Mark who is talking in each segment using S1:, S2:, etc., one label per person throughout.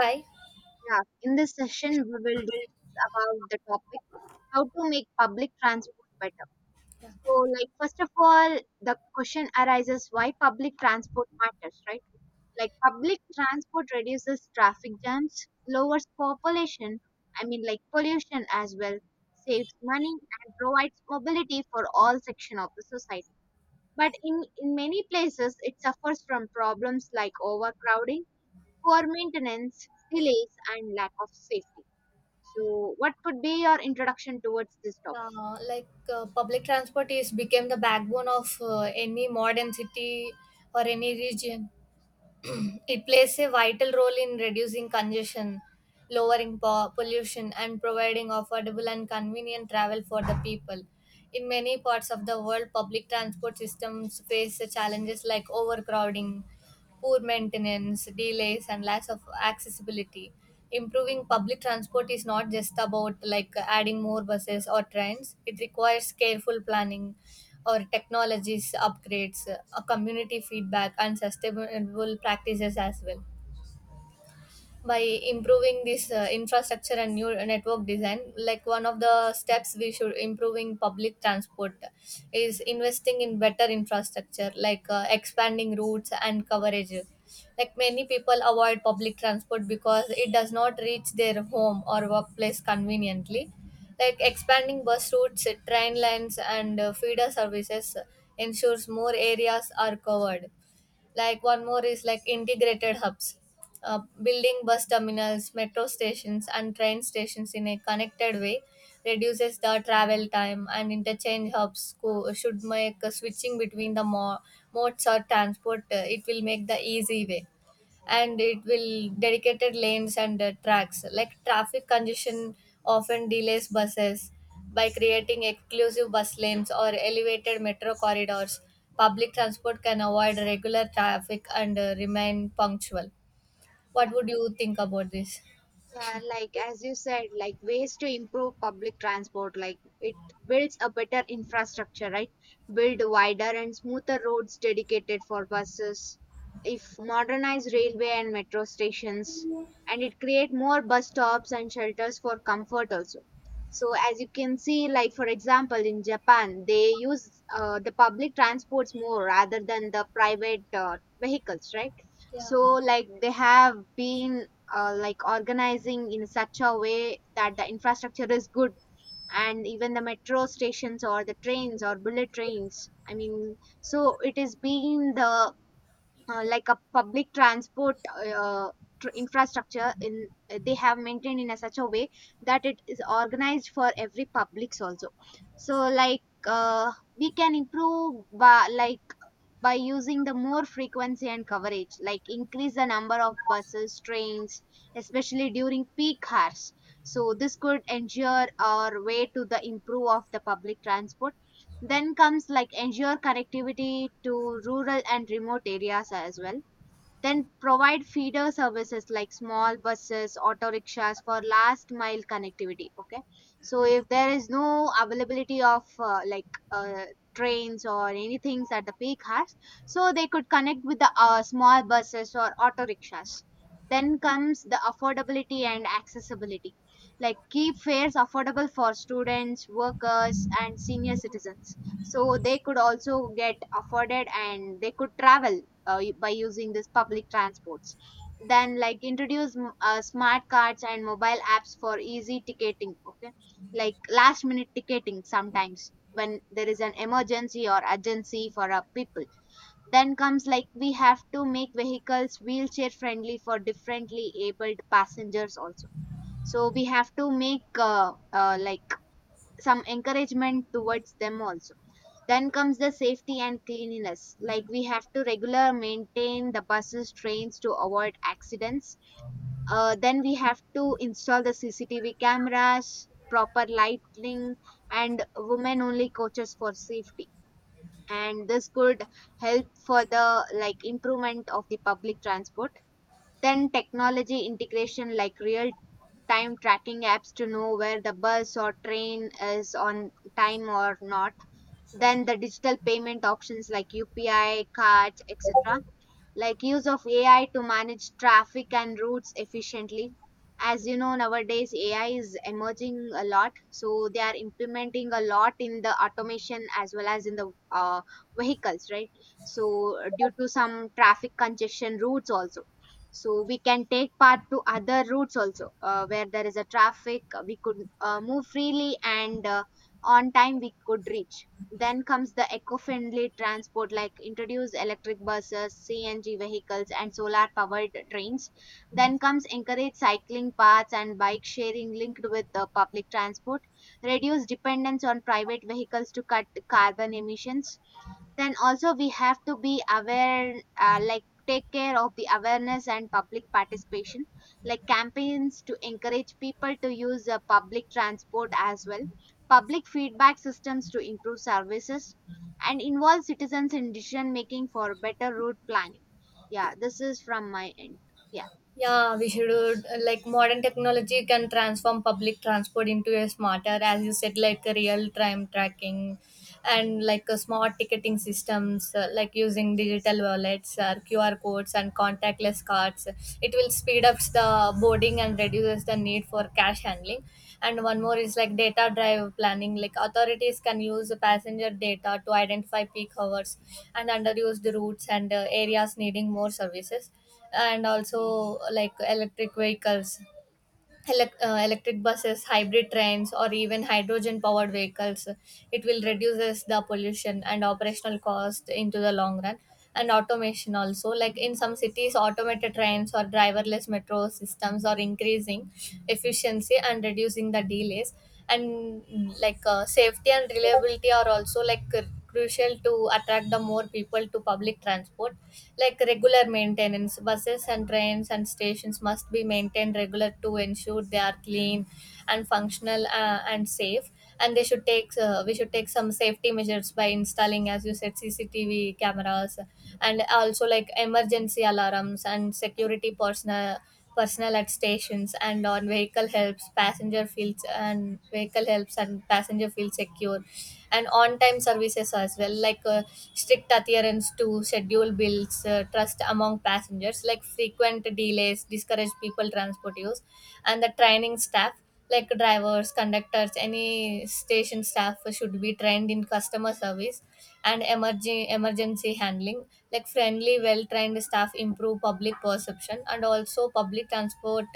S1: Hi.
S2: Yeah, in this session, we will discuss about the topic how to make public transport better. So, like, first of all, the question arises why public transport matters, right? Like, public transport reduces traffic jams, lowers population, pollution as well, saves money, and provides mobility for all section of the society. But in many places, it suffers from problems like overcrowding, poor maintenance, delays, and lack of safety. So, what would be your introduction towards this topic?
S1: Public transport is became the backbone of any modern city or any region. It plays a vital role in reducing congestion, lowering pollution, and providing affordable and convenient travel for the people. In many parts of the world, public transport systems face challenges like overcrowding, poor maintenance, delays, and lack of accessibility. Improving public transport is not just about like adding more buses or trains. It requires careful planning, or technologies upgrades, community feedback, and sustainable practices as well by improving this infrastructure and new network design. Like one of the steps we should improving public transport is investing in better infrastructure like expanding routes and coverage. Like many people avoid public transport because it does not reach their home or workplace conveniently. Like expanding bus routes, train lines, and feeder services ensures more areas are covered. Like one more is like integrated hubs. Building bus terminals, metro stations, and train stations in a connected way reduces the travel time, and interchange hubs should make switching between the modes or transport, it will make the easy way. And it will dedicated lanes and tracks. Like traffic congestion often delays buses. By creating exclusive bus lanes or elevated metro corridors, public transport can avoid regular traffic and remain punctual.
S2: Yeah.
S1: What would you think about this?
S2: Yeah, like as you said, like ways to improve public transport, like it builds a better infrastructure, right? Build wider and smoother roads dedicated for buses. If modernize railway and metro stations, and it create more bus stops and shelters for comfort also. So as you can see, like for example in Japan, they use the public transports more rather than the private vehicles, right?
S1: Yeah,
S2: So like they have been like organizing in such a way that the infrastructure is good, and even the metro stations or the trains or bullet trains, I mean, so it is being the like a public transport infrastructure in they have maintained in a such a way that it is organized for every publics also. So we can improve by by using the more frequency and coverage, like increase the number of buses, trains, especially during peak hours. So this could ensure our way to the improve of the public transport. Then comes like ensure connectivity to rural and remote areas as well. Then provide feeder services like small buses, auto rickshaws for last mile connectivity. Okay, so if there is no availability of trains or anything at the peak hours, so they could connect with the small buses or auto rickshaws. Then comes the affordability and accessibility, like keep fares affordable for students, workers, and senior citizens. So they could also get afforded and they could travel by using this public transports. Then like introduce smart cards and mobile apps for easy ticketing, okay, like last minute ticketing sometimes when there is an emergency or urgency for our people. Then comes like we have to make vehicles wheelchair friendly for differently abled passengers also. So we have to make like some encouragement towards them also. Then comes the safety and cleanliness. Like we have to regular maintain the buses, trains to avoid accidents. Then we have to install the CCTV cameras, proper lighting, and women-only coaches for safety. And this could help for the like improvement of the public transport. Then technology integration, like real time tracking apps to know where the bus or train is on time or not. Then the digital payment options like UPI, cards, etc. Like use of AI to manage traffic and routes efficiently. As you know, nowadays AI is emerging a lot, so they are implementing a lot in the automation as well as in the vehicles, right? So due to some traffic congestion routes also, so we can take part to other routes also, where there is a traffic, we could move freely, and on time we could reach. Then comes the eco-friendly transport, like introduce electric buses, CNG vehicles and solar powered trains. Then comes encourage cycling paths and bike sharing linked with the public transport. Reduce dependence on private vehicles to cut carbon emissions. Then also we have to be aware, like take care of the awareness and public participation, like campaigns to encourage people to use public transport as well, public feedback systems to improve services, and involve citizens in decision making for better route planning. Yeah, this is from my end. Yeah.
S1: yeah, we should, like modern technology can transform public transport into a smarter, as you said, like a real time tracking and like a smart ticketing systems, like using digital wallets, or QR codes, and contactless cards. It will speed up the boarding and reduces the need for cash handling. And one more is like data drive planning. Like authorities can use the passenger data to identify peak hours and underused routes and areas needing more services. And also like electric vehicles, electric buses, hybrid trains, or even hydrogen powered vehicles, it will reduces the pollution and operational cost into the long run. And automation also, like in some cities automated trains or driverless metro systems are increasing efficiency and reducing the delays. And like safety and reliability are also like crucial to attract the more people to public transport. Like regular maintenance buses and trains and stations must be maintained regular to ensure they are clean and functional and safe. And they should take we should take some safety measures by installing, as you said, cctv cameras, and also like emergency alarms and security personnel at stations and on vehicle helps passenger feels and vehicle helps and passenger feel secure. And on-time services as well, like strict adherence to schedule bills, trust among passengers, like frequent delays discourage people transport use. And the training staff like drivers, conductors, any station staff should be trained in customer service and emerging emergency handling. Like friendly well trained staff improve public perception. And also public transport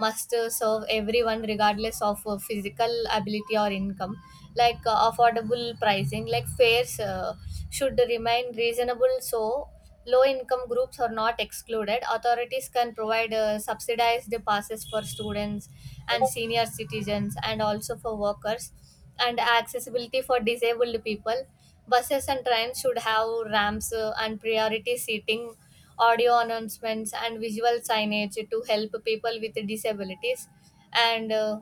S1: must serve everyone regardless of physical ability or income. Like affordable pricing, like fares should remain reasonable, so low income groups are not excluded. Authorities can provide subsidized passes for students and senior citizens and also for workers. And accessibility for disabled people. Buses and trains should have ramps and priority seating, audio announcements, and visual signage to help people with disabilities. And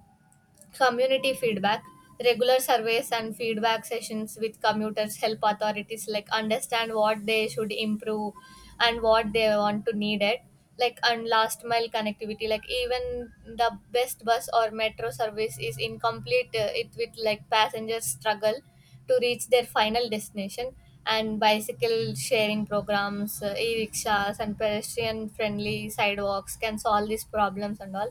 S1: community feedback. Regular surveys and feedback sessions with commuters help authorities like understand what they should improve and what they want to need it. Like and last mile connectivity, like even the best bus or metro service is incomplete. It with like passengers struggle to reach their final destination. And bicycle sharing programs, e-rickshaws, and pedestrian-friendly sidewalks can solve these problems and all.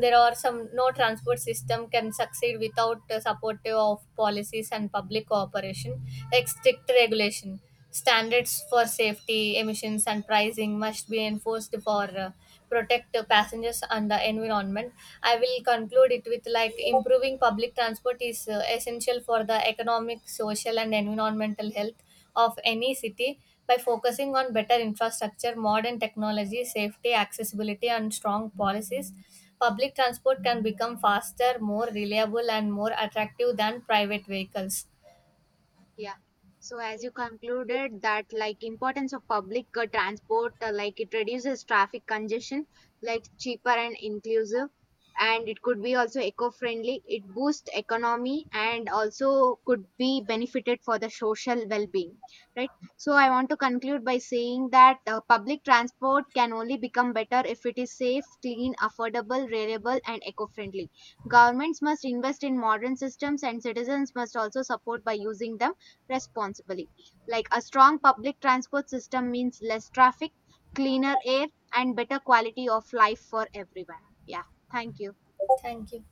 S1: There are some, no transport system can succeed without supportive of policies and public cooperation. Like strict regulation standards for safety, emissions, and pricing must be enforced for protect the passengers and the environment. I will conclude it with like improving public transport is essential for the economic, social, and environmental health of any city. By focusing on better infrastructure, modern technology, safety, accessibility, and strong policies, public transport can become faster, more reliable, and more attractive than private vehicles.
S2: Yeah. So as you concluded that like importance of public transport, like it reduces traffic congestion, like cheaper and inclusive, and it could be also eco-friendly. It boosts economy and also could be benefited for the social well-being, right? So I want to conclude by saying that public transport can only become better if it is safe, clean, affordable, reliable, and eco-friendly. Governments must invest in modern systems, and citizens must also support by using them responsibly. Like a strong public transport system means less traffic, cleaner air, and better quality of life for everyone. Yeah, thank you.
S1: Thank you.